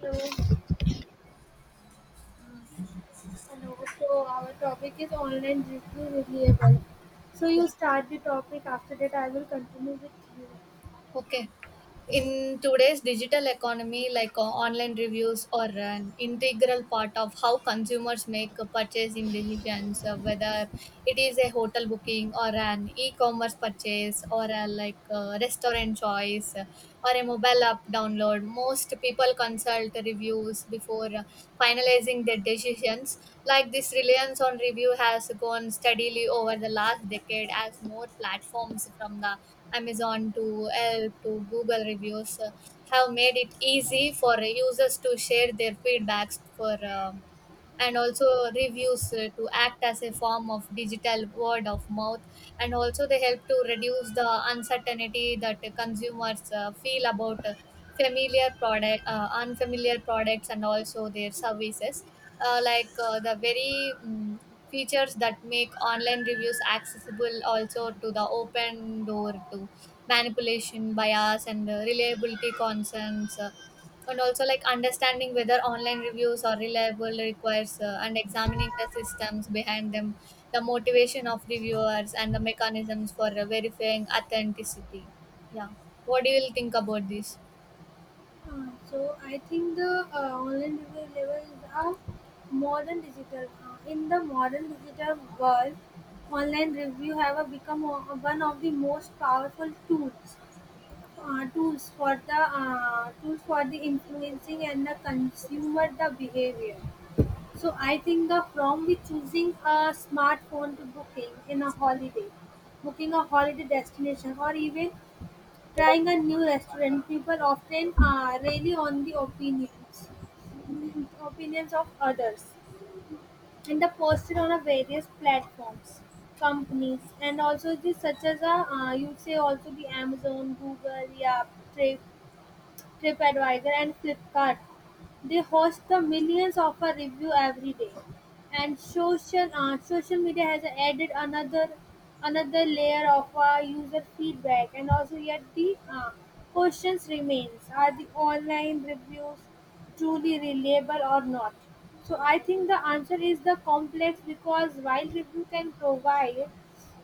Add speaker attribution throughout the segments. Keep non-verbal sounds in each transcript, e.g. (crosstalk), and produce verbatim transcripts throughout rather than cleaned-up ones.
Speaker 1: Hello, hello. So our topic is online review reliable. So
Speaker 2: Yeah.
Speaker 1: you start the topic. After that, I will continue with you.
Speaker 2: Okay. In today's digital economy, like uh, online reviews are an integral part of how consumers make uh, purchasing decisions, uh, whether it is a hotel booking or an e-commerce purchase or a like uh, restaurant choice, uh, or a mobile app download. Most people consume consult reviews before uh, finalizing their decisions. Like this reliance on review has gone steadily over the last decade as more platforms from the Amazon to Yelp to Google reviews uh, have made it easy for users to share their feedbacks for uh, and also reviews uh, to act as a form of digital word of mouth, and also they help to reduce the uncertainty that uh, consumers uh, feel about uh, familiar product uh, unfamiliar products and also their services, uh, like uh, the very mm features that make online reviews accessible also to the open door to manipulation bias and uh, reliability concerns, uh, and also like understanding whether online reviews are reliable requires uh, and examining the systems behind them, the motivation of reviewers and the mechanisms for uh, verifying authenticity. Yeah. What do you think about this?
Speaker 1: Uh, so I think the uh, online review reliable is a modern digital. Uh, in the modern digital world, online review have uh, become o- uh, one of the most powerful tools. Uh, tools for the uh, tools for the influencing and the consumer the behavior. So I think the problem with choosing a smartphone to booking in a holiday, booking a holiday destination, or even trying a new restaurant, people often uh, rely on the opinions, (clears throat) opinions of others, and the posted on a various platforms, companies, and also the such as a uh, you say also the Amazon, Google, yeah, Trip, TripAdvisor and Flipkart. They host the millions of a review every day. And social uh, social media has added another another layer of uh, user feedback and also yet the uh, questions remains are the online reviews truly reliable or not. So I think the answer is the complex because while review can provide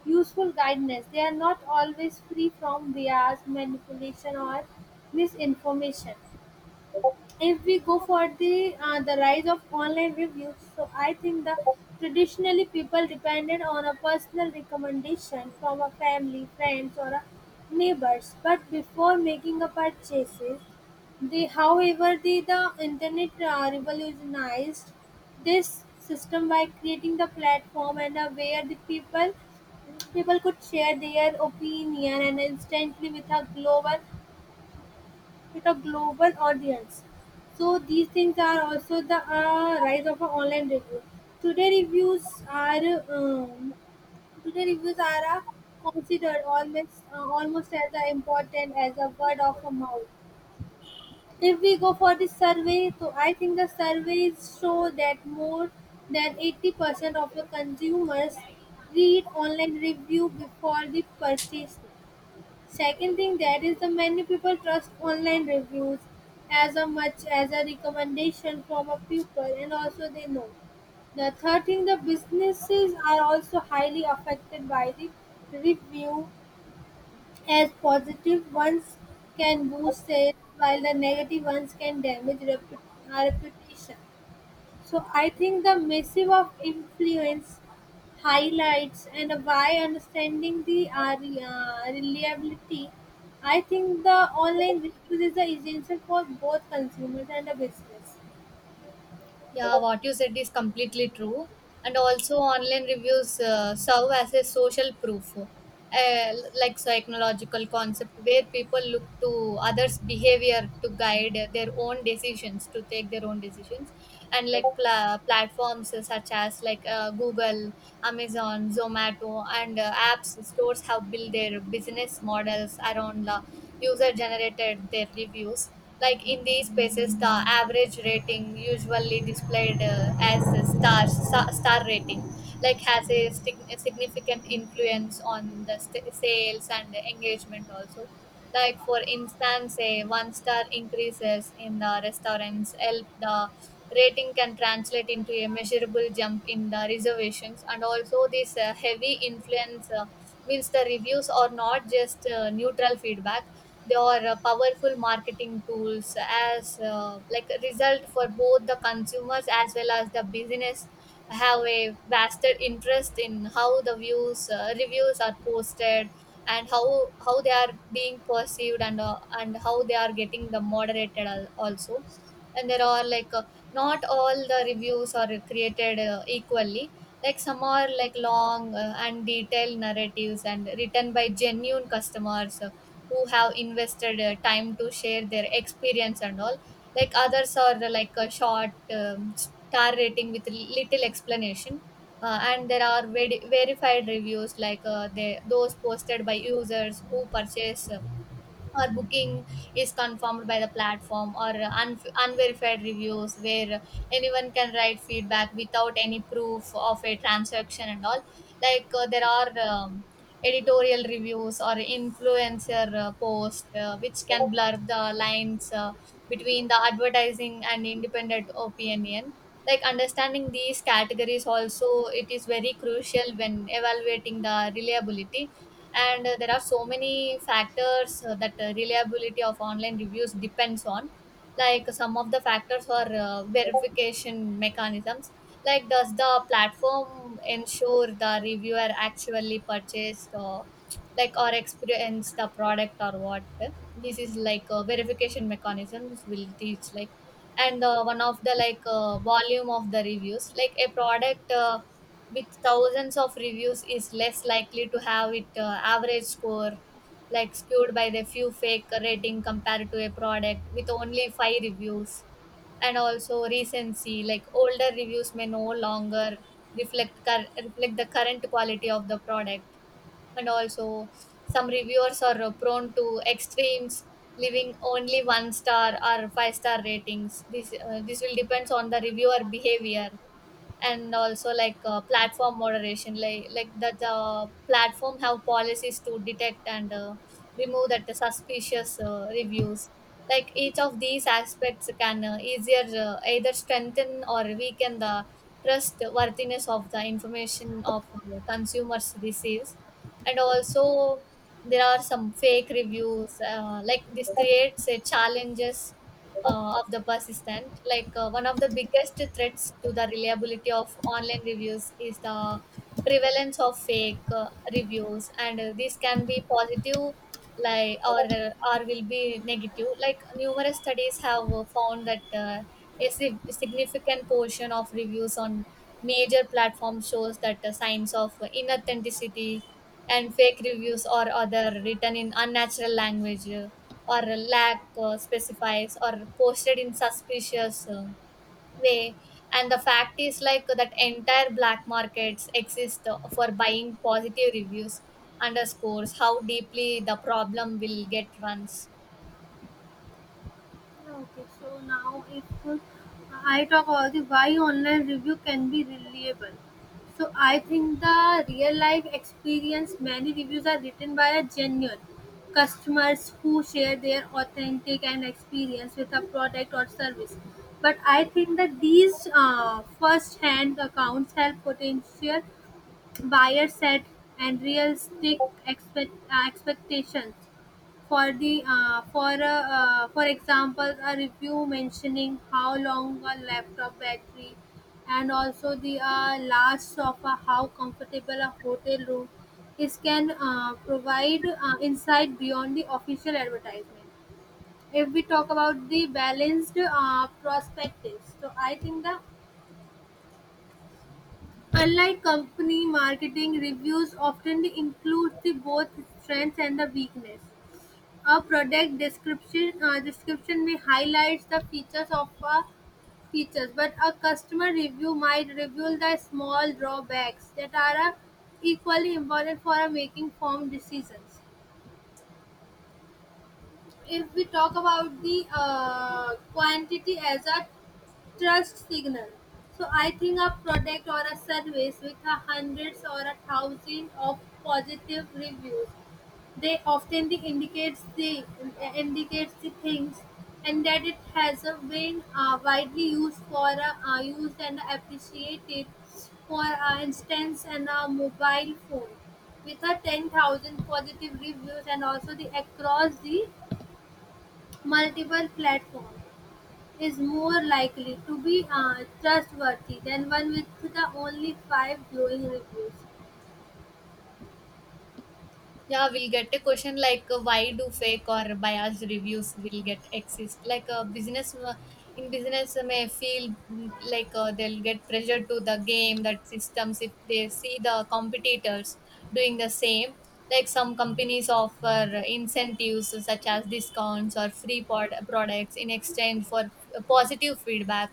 Speaker 1: useful guidance, they are not always free from bias, manipulation, or misinformation. If we go for the uh, the rise of online reviews, so I think the traditionally people depended on a personal recommendation from a family friends or a neighbors but before making a purchases they however the, the internet uh, revolutionized this system by creating the platform and uh, where the people people could share their opinion and instantly with a global with a global audience. So these things are also the uh, rise of a online review. Today reviews are um, today reviews are uh, considered almost uh, almost as uh, important as a word of a mouth. If we go for the survey, so I think the surveys show that more than eighty percent of the consumers read online review before the purchase. Second thing that is the many people trust online reviews as a much as a recommendation from a people and also they know. The third thing, the businesses are also highly affected by the review, as positive ones can boost sales while the negative ones can damage repu- our reputation. So I think the massive of influence highlights and by understanding the uh, re- uh, reliability, I think the online resource is the essential for both consumers and the business.
Speaker 2: Yeah, what you said is completely true. And also, online reviews uh, serve as a social proof, uh, like psychological concept, where people look to others' behavior to guide their own decisions, to take their own decisions, and like pla- platforms such as like uh, Google, Amazon, Zomato, and uh, apps stores have built their business models around uh, user generated their reviews. Like in these spaces, the average rating usually displayed uh, as a star star star rating like has a stig- significant influence on the st- sales and the engagement also. Like for instance, a one star increases in the restaurants help the rating can translate into a measurable jump in the reservations, and also this uh, heavy influence uh, means the reviews are not just uh, neutral feedback, they are uh, powerful marketing tools. As uh, like a result, for both the consumers as well as the business have a vested interest in how the views uh, reviews are posted, and how how they are being perceived, and uh, and how they are getting the moderated al- also. And there are like, uh, not all the reviews are created uh, equally. Like some are like long uh, and detailed narratives and written by genuine customers uh, who have invested uh, time to share their experience and all. Like others are uh, like a short um, star rating with little explanation, uh, and there are veri verified reviews, like uh, they, those posted by users who purchase uh, or booking is confirmed by the platform, or un- unverified reviews where anyone can write feedback without any proof of a transaction and all. Like uh, there are um, editorial reviews or influencer uh, post uh, which can blur the lines uh, between the advertising and independent opinion. Like understanding these categories also, it is very crucial when evaluating the reliability. And uh, there are so many factors uh, that uh, reliability of online reviews depends on. Like some of the factors are uh, verification mechanisms, like does the platform ensure the reviewer actually purchased or like or experienced the product or what. This is like a verification mechanisms will teach like. And uh, one of the, like, uh, volume of the reviews, like a product uh, with thousands of reviews is less likely to have it uh, average score like skewed by the few fake rating compared to a product with only five reviews. And also recency, like older reviews may no longer reflect cur- reflect the current quality of the product. And also, some reviewers are uh, prone to extremes, leaving only one star or five star ratings. This uh, this will depends on the reviewer behavior. And also like uh, platform moderation, like like that the platform have policies to detect and uh, remove that the suspicious uh, reviews. Like each of these aspects can uh, easier uh, either strengthen or weaken the trust worthiness of the information of uh, consumers receives. And also, there are some fake reviews, uh, like this creates a challenges uh, of the persistent. Like uh, one of the biggest threats to the reliability of online reviews is the prevalence of fake uh, reviews, and uh, this can be positive, like, or uh, or will be negative. Like numerous studies have uh, found that uh, a sig- significant portion of reviews on major platforms shows that uh, signs of inauthenticity, and fake reviews or other written in unnatural language, uh, or lack uh, specifies or posted in suspicious uh, way. And the fact is, like that entire black markets exist uh, for buying positive reviews underscores how deeply the problem will get runs.
Speaker 1: Okay, so now if uh, I talk about the why online review can be reliable. So I think the real life experience, many reviews are written by a genuine customers who share their authentic and experience with a product or service. But I think that these uh, first hand accounts help potential buyer set and realistic expect, uh, expectations. For the uh, for a, uh, for example, a review mentioning how long a laptop battery, and also the uh, large sofa, how comfortable a hotel room is, can uh, provide uh, insight beyond the official advertisement. If we talk about the balanced uh, perspectives, so I think the unlike company marketing, reviews often include the both strengths and the weakness. A product description uh, description may highlight the features of a features, but a customer review might reveal the small drawbacks that are uh, equally important for uh, making informed decisions. If we talk about the uh, quantity as a trust signal, so I think a product or a service with a hundreds or a thousand of positive reviews, they often the indicates the indicates the things and that it has a been uh, widely used for uh, uh, used and appreciated for uh, instance and a mobile phone with a ten thousand positive reviews and also the across the multiple platform is more likely to be uh, trustworthy than one with the only five glowing reviews.
Speaker 2: Yeah, we'll get a question like, uh, why do fake or biased reviews will get exist? Like a business, uh, in business, uh, may feel, mm, like, uh, they'll get pressure to the game that systems if they see the competitors doing the same. Like some companies offer incentives such as discounts or free pod- products in exchange for uh, positive feedback.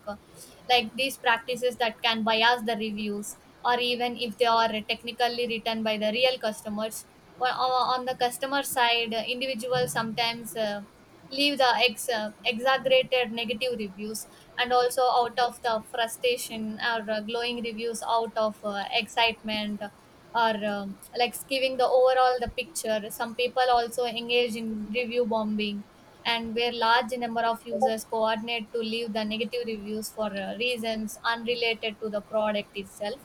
Speaker 2: Like these practices that can bias the reviews, or even if they are technically written by the real customers, or on the customer side, uh, individuals sometimes uh, leave the ex- uh, exaggerated negative reviews, and also out of the frustration or uh, glowing reviews out of uh, excitement. Or um, like, giving the overall the picture, some people also engage in review bombing, and where large number of users coordinate to leave the negative reviews for uh, reasons unrelated to the product itself,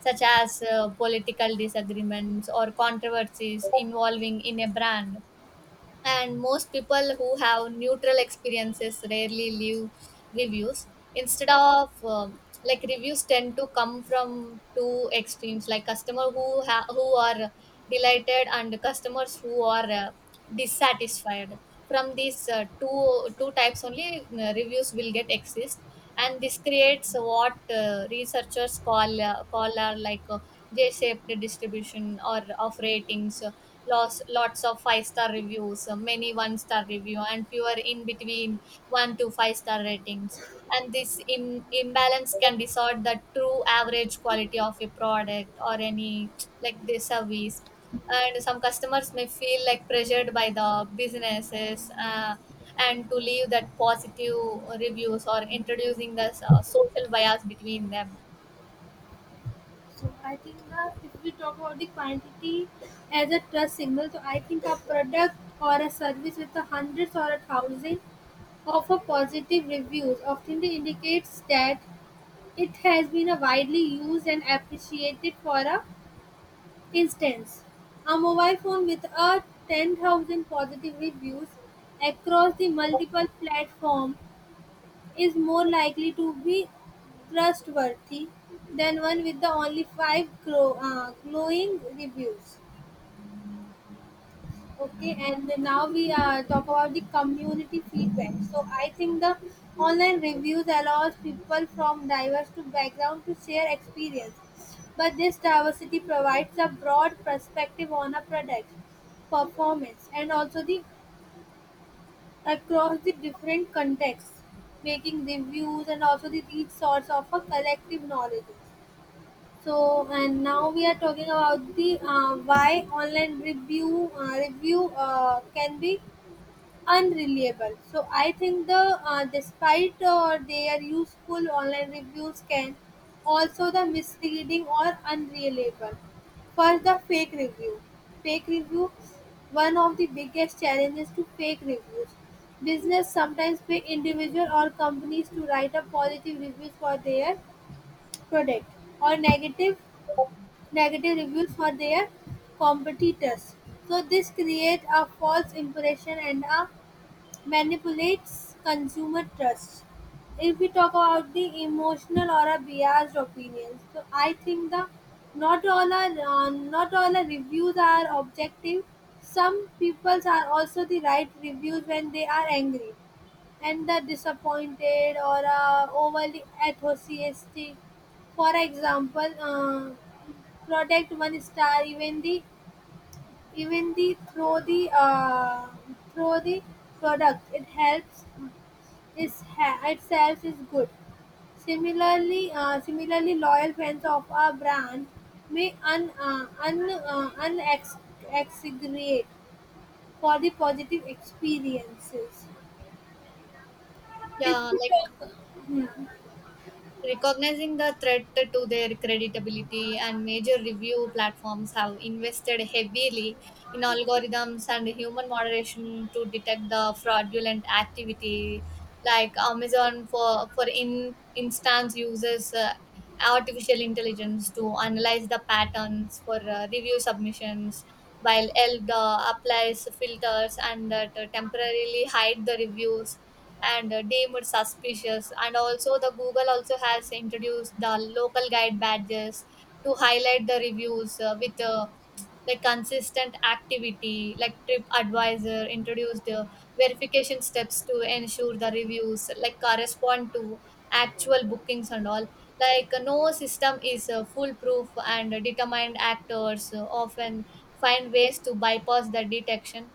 Speaker 2: such as uh, political disagreements or controversies involving in a brand. And most people who have neutral experiences rarely leave reviews. Instead of um, like, reviews tend to come from two extremes, like customer who ha- who are delighted and customers who are uh, dissatisfied. From these, uh, two two types only uh, reviews will get exist. And this creates what uh, researchers call uh, call are like uh, j-shaped distribution or of ratings, uh, lots lots of five star reviews, uh, many one star review and fewer in between one to five star ratings. And this Im- imbalance can distort the true average quality of a product or any, like, the service. And some customers may feel like pressured by the businesses uh, and to leave that positive reviews, or introducing the uh, social bias between them.
Speaker 1: So I think that if we talk about the quantity as a trust signal, so I think a product or a service with a hundreds or a thousand of a positive reviews often indicates that it has been a widely used and appreciated for a instance: a mobile phone with a ten thousand positive reviews across the multiple platform is more likely to be trustworthy than one with the only five gro- uh, glowing reviews. Okay, and then now we uh, talk about the community feedback. So I think the online reviews allows people from diverse to background to share experience, but this diversity provides a broad perspective on a product performance and also the across the different contexts, making reviews and also the rich source of a collective knowledge. So and now we are talking about the uh, why online review uh, review uh, can be unreliable. So I think the uh, despite uh, their useful online reviews can also the misleading or unreliable. First, the fake review. Fake review. One of the biggest challenges to fake reviews. Business sometimes pay individual or companies to write up positive reviews for their product or negative negative reviews for their competitors. So this create a false impression and a manipulates consumer trust. If we talk about the emotional or a biased opinions, so I think the not all are uh, not all the reviews are objective. Some peoples are also the right reviews when they are angry and the disappointed or uh, overly enthusiastic. For example, uh, product one star even the even the throw the uh, throw the product it helps is ha- itself is good. Similarly, uh, similarly, loyal fans of a brand may un, uh, un, uh, unexaggerate for the positive experiences. If
Speaker 2: Yeah,
Speaker 1: we
Speaker 2: like,
Speaker 1: talk
Speaker 2: recognizing the threat to their credibility, and major review platforms have invested heavily in algorithms and human moderation to detect the fraudulent activity. Like Amazon, for for in instance, uses uh, artificial intelligence to analyze the patterns for uh, review submissions, while Elda applies filters and uh, to temporarily hide the reviews and uh, deemed suspicious. And also, the Google also has introduced the local guide badges to highlight the reviews uh, with, uh, like, consistent activity. Like TripAdvisor introduced the verification steps to ensure the reviews like correspond to actual bookings and all. Like, uh, no system is uh, foolproof, and determined actors uh, often find ways to bypass the detection.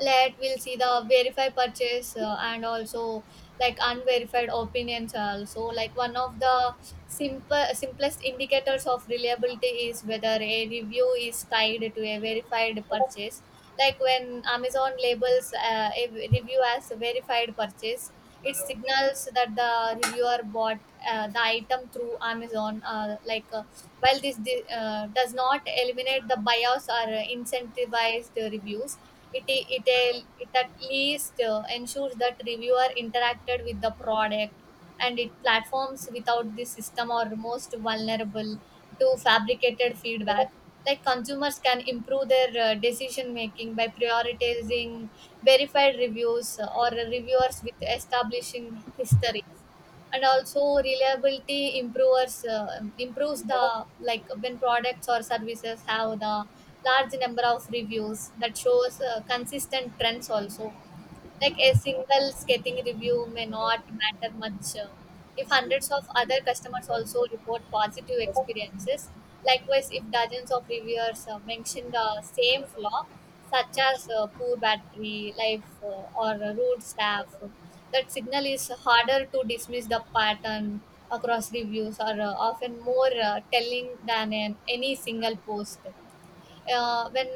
Speaker 2: Let we'll see the verified purchase, uh, and also like unverified opinions also. Like one of the simple simplest indicators of reliability is whether a review is tied to a verified purchase. Like when Amazon labels uh, a review as a verified purchase, it signals that the reviewer bought uh, the item through Amazon, uh, like, uh, while this di- uh, does not eliminate the bias or uh, incentivized reviews. It, it, it at least uh, ensures that reviewer interacted with the product. And it platforms without this system are most vulnerable to fabricated feedback. Like consumers can improve their uh, decision making by prioritizing verified reviews or reviewers with establishing histories. And also reliability improves uh, improves the, like, when products or services have the large number of reviews that shows uh, consistent trends also. Like a single scathing review may not matter much, uh, if hundreds of other customers also report positive experiences. Likewise, if dozens of reviewers uh, mention the same flaw, such as uh, poor battery life uh, or rude staff, that signal is harder to dismiss. The pattern across reviews are uh, often more uh, telling than an, any single post, uh, when,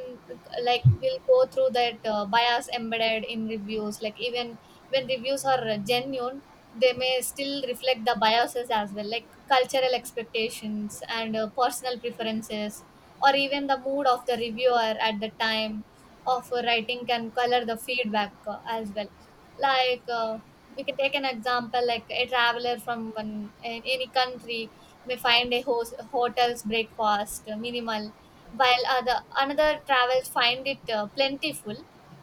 Speaker 2: like, we'll go through that uh, bias embedded in reviews. Like even when reviews are genuine, they may still reflect the biases as well, like cultural expectations and uh, personal preferences, or even the mood of the reviewer at the time of writing can color the feedback, uh, as well. Like, uh, we can take an example, like a traveler from one a- any country may find a host, hotel's breakfast uh, minimal, while other another travels find it uh, plentiful.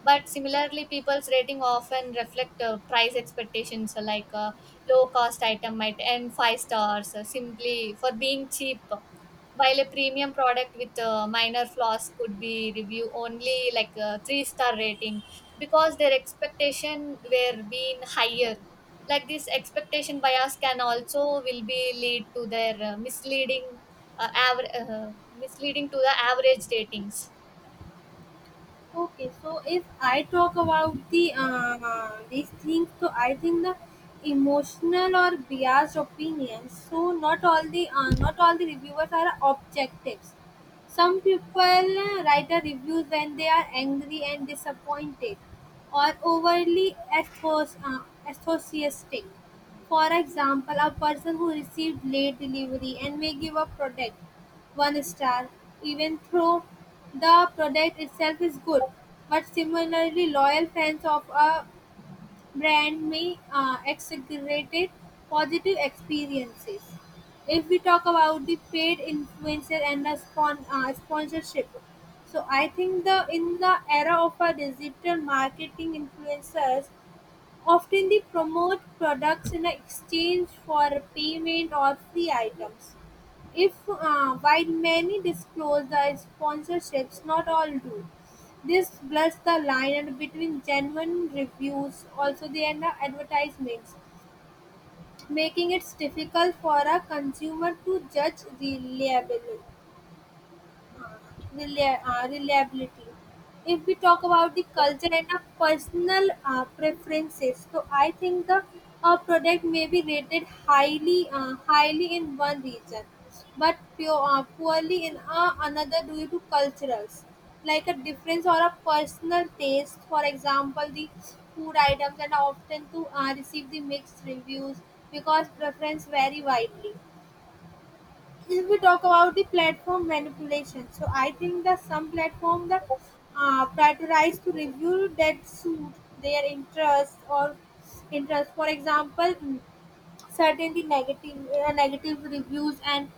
Speaker 2: But similarly, people's rating often reflect uh, price expectations. So like a low cost item might earn five stars, uh, simply for being cheap while a premium product with uh, minor flaws could be review only like a three star rating because their expectation were being higher. Like this expectation bias can also will be lead to their uh, misleading uh, aver- uh, misleading to the average ratings.
Speaker 1: Okay, so if I talk about the uh, these things, so I think the emotional or biased opinions. So not all the uh, not all the reviewers are objectives. Some people uh, write a review when they are angry and disappointed, or overly ethos, uh, enthusiastic. For example, a person who received late delivery and may give a product one star, even though the product itself is good, but similarly loyal fans of a brand may uh, exaggerate positive experiences. If we talk about the paid influencer and the spon- uh, sponsorship, so I think the in the era of a digital marketing influencers, often they promote products in exchange for payment or free items. If uh, While many disclose their sponsorships, not all do. This blurs the line and between genuine reviews, also they and the advertisements, making it difficult for a consumer to judge reliably relia- uh, reliability. If we talk about the culture and our personal uh, preferences, so I think the uh, product may be rated highly, uh, highly in one region, but pure, uh, poorly in uh, another due to culturals, like a difference or a personal taste. For example, the food items and often to uh, receive the mixed reviews because preference vary widely. If we talk about the platform manipulation, so I think that some platform that uh, prioritize to review that suit their interest or interest, for example mm, certainly negative uh, negative reviews and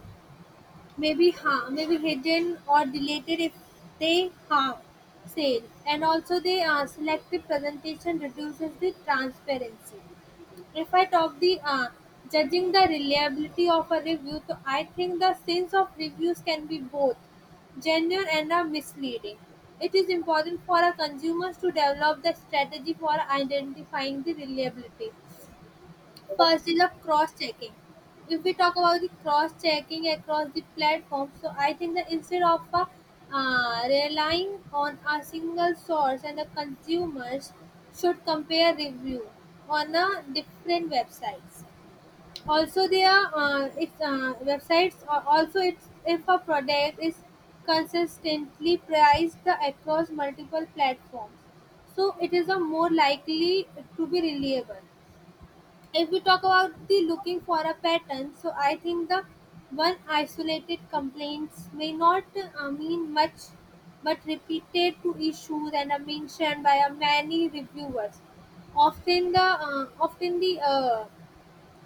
Speaker 1: maybe harm maybe hidden or deleted if they harm sale, and also the uh, selective presentation reduces the transparency. If I talk the uh, judging the reliability of a review, so I think the sins of reviews can be both genuine and are misleading. It is important for our consumers to develop the strategy for identifying the reliability. First is of cross-checking. If we talk about the cross-checking across the platform, so I think that instead of uh, uh, relying on a single source, and the consumers should compare review on a different websites. Also, there uh, it's uh, websites. Are Also, it's if a product is consistently priced across multiple platforms, so it is a more likely to be reliable. If we talk about the looking for a pattern, so I think the one isolated complaints may not uh, mean much, but repeated to issues and are mentioned by a many reviewers, often the uh, often the uh,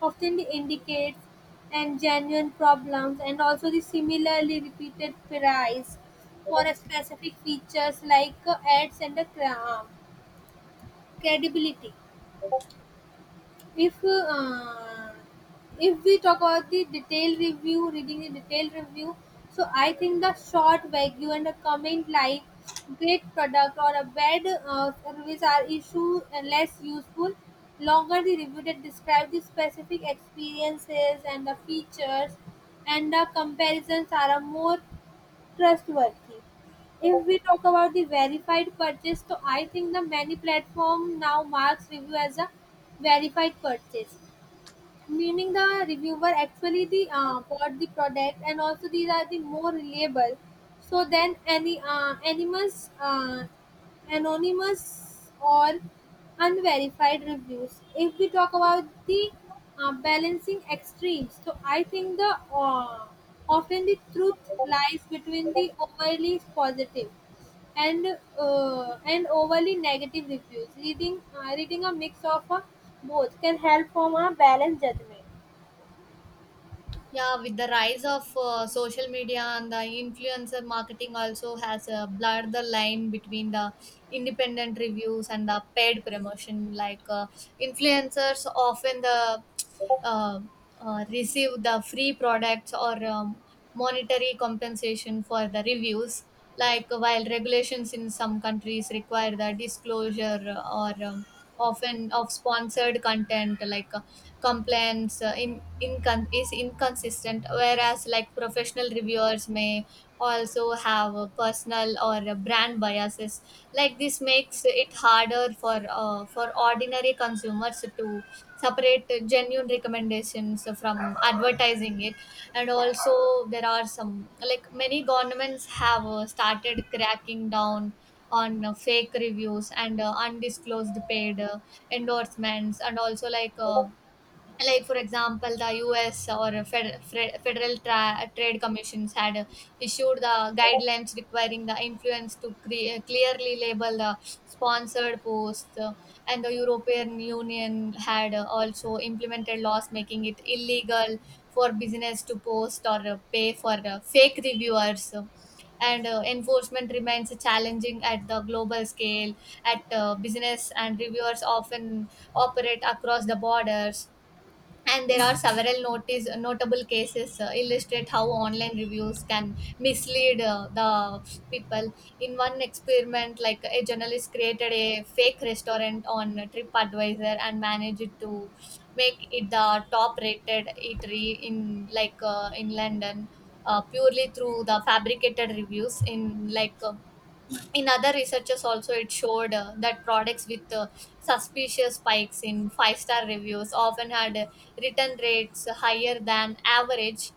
Speaker 1: often the indicates and genuine problems, and also the similarly repeated price for a specific features like uh, ads and the cra- credibility. if uh, if we talk about the detailed review, reading the detailed review, so I think the short value and a comment like great product or a bad uh, service are issue and less useful. Longer the review that describe the specific experiences and the features and the comparisons are a more trustworthy. If we talk about the verified purchase, so I think the many platform now marks review as a verified purchase, meaning the reviewer actually the uh, bought the product, and also these are the more reliable so then any uh, anonymous uh, anonymous or unverified reviews. If we talk about the uh, balancing extremes, so I think the uh, often the truth lies between the overly positive and uh, and overly negative reviews. Reading uh, reading a mix of uh, both can help form a balanced judgment.
Speaker 2: Yeah, with the rise of uh, social media and the influencer marketing also has uh, blurred the line between the independent reviews and the paid promotion, like uh, influencers often the uh, uh, receive the free products or um, monetary compensation for the reviews. Like while regulations in some countries require the disclosure or um, often of sponsored content, like uh, complaints uh, in incon- is inconsistent, whereas like professional reviewers may also have a personal or a brand biases. Like this makes it harder for uh, for ordinary consumers to separate uh, genuine recommendations from advertising it. And also, there are some, like many governments have uh, started cracking down on uh, fake reviews and uh, undisclosed paid uh, endorsements, and also like uh, like for example the US or fed, fed, federal tra- trade commissions had uh, issued the guidelines requiring the influence to cre- clearly label the sponsored posts, uh, and the European Union had uh, also implemented laws making it illegal for business to post or uh, pay for uh, fake reviewers. And uh, enforcement remains challenging at the global scale at uh, business and reviewers often operate across the borders. And there are several notice notable cases uh, illustrate how online reviews can mislead uh, the people. In one experiment, like a journalist created a fake restaurant on TripAdvisor and managed to make it the top rated eatery in like uh, in London, uh, purely through the fabricated reviews. In like uh, in other researchers also it showed uh, that products with uh, suspicious spikes in five star reviews often had uh, return rates higher than average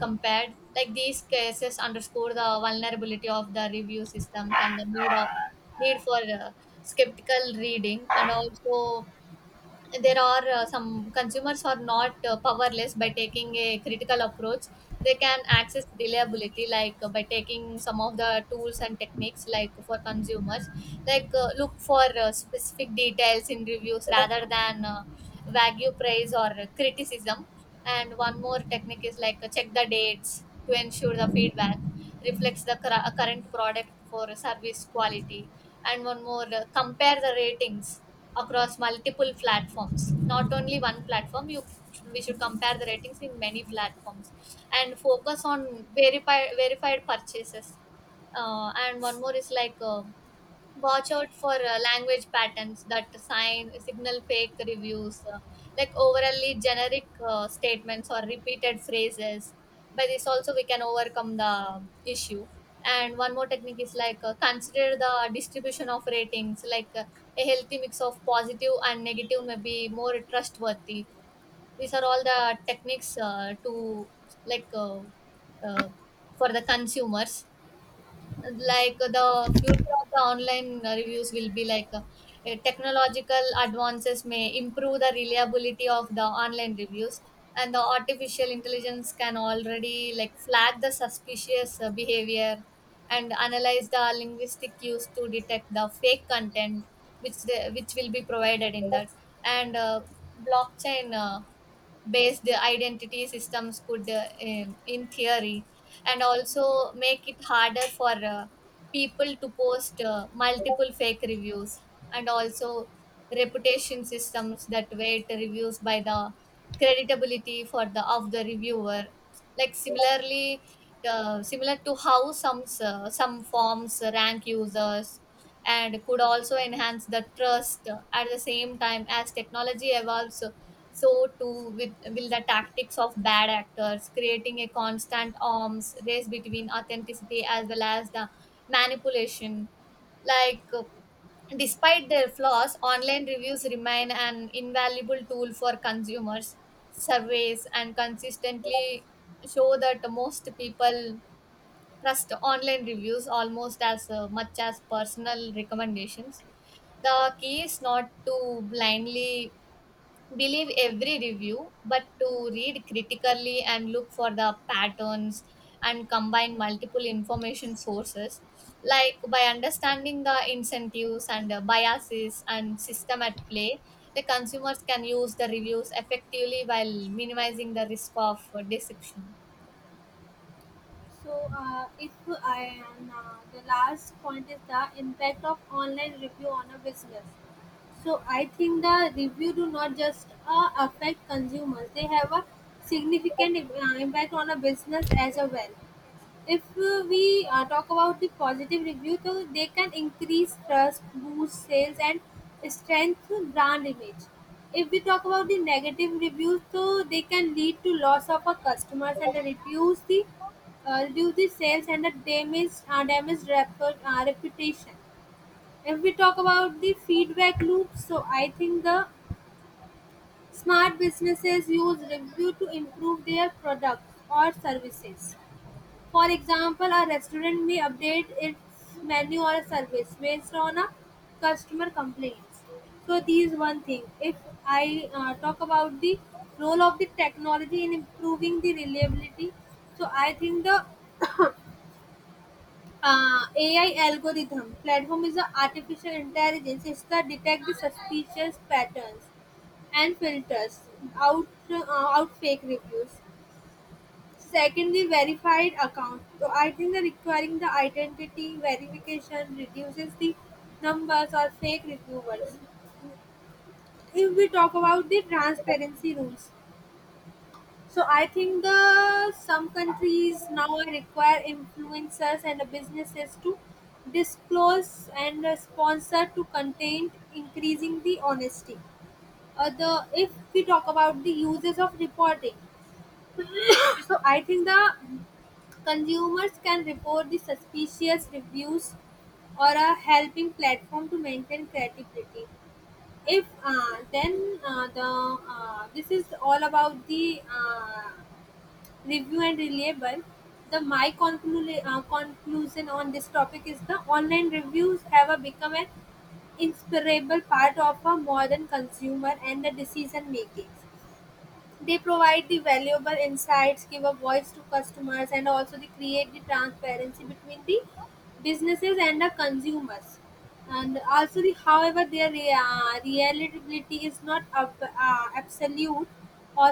Speaker 2: compared. Like these cases underscore the vulnerability of the review systems and the need of need for uh, skeptical reading. And also, there are uh, some consumers are not uh, powerless. By taking a critical approach, they can access reliability, like uh, by taking some of the tools and techniques, like for consumers, like uh, look for uh, specific details in reviews rather than uh, vague praise or criticism. And one more technique is, like uh, check the dates to ensure the feedback reflects the cur- uh, current product for service quality. And one more, uh, compare the ratings across multiple platforms, not only one platform. You We should compare the ratings in many platforms and focus on verified verified purchases, uh, and one more is like uh, watch out for uh, language patterns that sign signal fake reviews, uh, like overly generic uh, statements or repeated phrases. By this also we can overcome the issue. And one more technique is like uh, consider the distribution of ratings, like uh, a healthy mix of positive and negative may be more trustworthy. These are all the techniques uh, to, like uh, uh, for the consumers. Like the future of the online uh, reviews will be like uh, uh, technological advances may improve the reliability of the online reviews. And the artificial intelligence can already like flag the suspicious uh, behavior and analyze the linguistic use to detect the fake content, which the, which will be provided in that. And uh, blockchain uh, based identity systems could, uh, in, in theory, and also make it harder for uh, people to post uh, multiple fake reviews. And also, reputation systems that weight reviews by the credibility for the of the reviewer, like similarly, uh, similar to how some s- some forms rank users and could also enhance the trust. At the same time, as technology evolves, so too with will the tactics of bad actors, creating a constant arms race between authenticity as well as the manipulation. like uh, Despite their flaws, online reviews remain an invaluable tool for consumers. Surveys and consistently show that most people trust online reviews almost as uh, much as personal recommendations. The key is not to blindly believe every review, but to read critically and look for the patterns and combine multiple information sources. Like by understanding the incentives and the biases and system at play, the consumers can use the reviews effectively while minimizing the risk of uh, deception.
Speaker 1: So, uh, if I and uh, the last point is the impact of online review on a business. So I think the review do not just uh, affect consumers; they have a significant im- uh, impact on a business as well. if uh, we uh, talk about the positive review, so they can increase trust, boost sales and strengthen brand image. If we talk about the negative reviews, so they can lead to loss of our customers and reduce the uh, reduce the sales and the damage uh, damage rep- uh, reputation. If we talk about the feedback loop, so I think the smart businesses use review to improve their products or services. For example, a restaurant may update its menu or service based on a customer complaints. So these one thing. If I uh, talk about the role of the technology in improving the reliability, so I think the uh, A I algorithm platform is the artificial intelligence. It's the detect the suspicious patterns and filters out uh, out fake reviews. Secondly, verified account. So I think that requiring the identity verification reduces the numbers or fake reviewers. If we talk about the transparency rules, so I think the some countries now require influencers and the businesses to disclose and uh, sponsor to content, increasing the honesty. Uh, the If we talk about the uses of reporting, so I think the consumers can report the suspicious reviews or a helping platform to maintain credibility. If uh, then uh, the uh, This is all about the uh, review and reliable. The my conclu- uh, conclusion on this topic is the online reviews have a become an inseparable part of a modern consumer and the decision making. They provide the valuable insights, give a voice to customers, and also they create the transparency between the businesses and the consumers. And also, the, however, their uh, reliability is not ab- uh, absolute or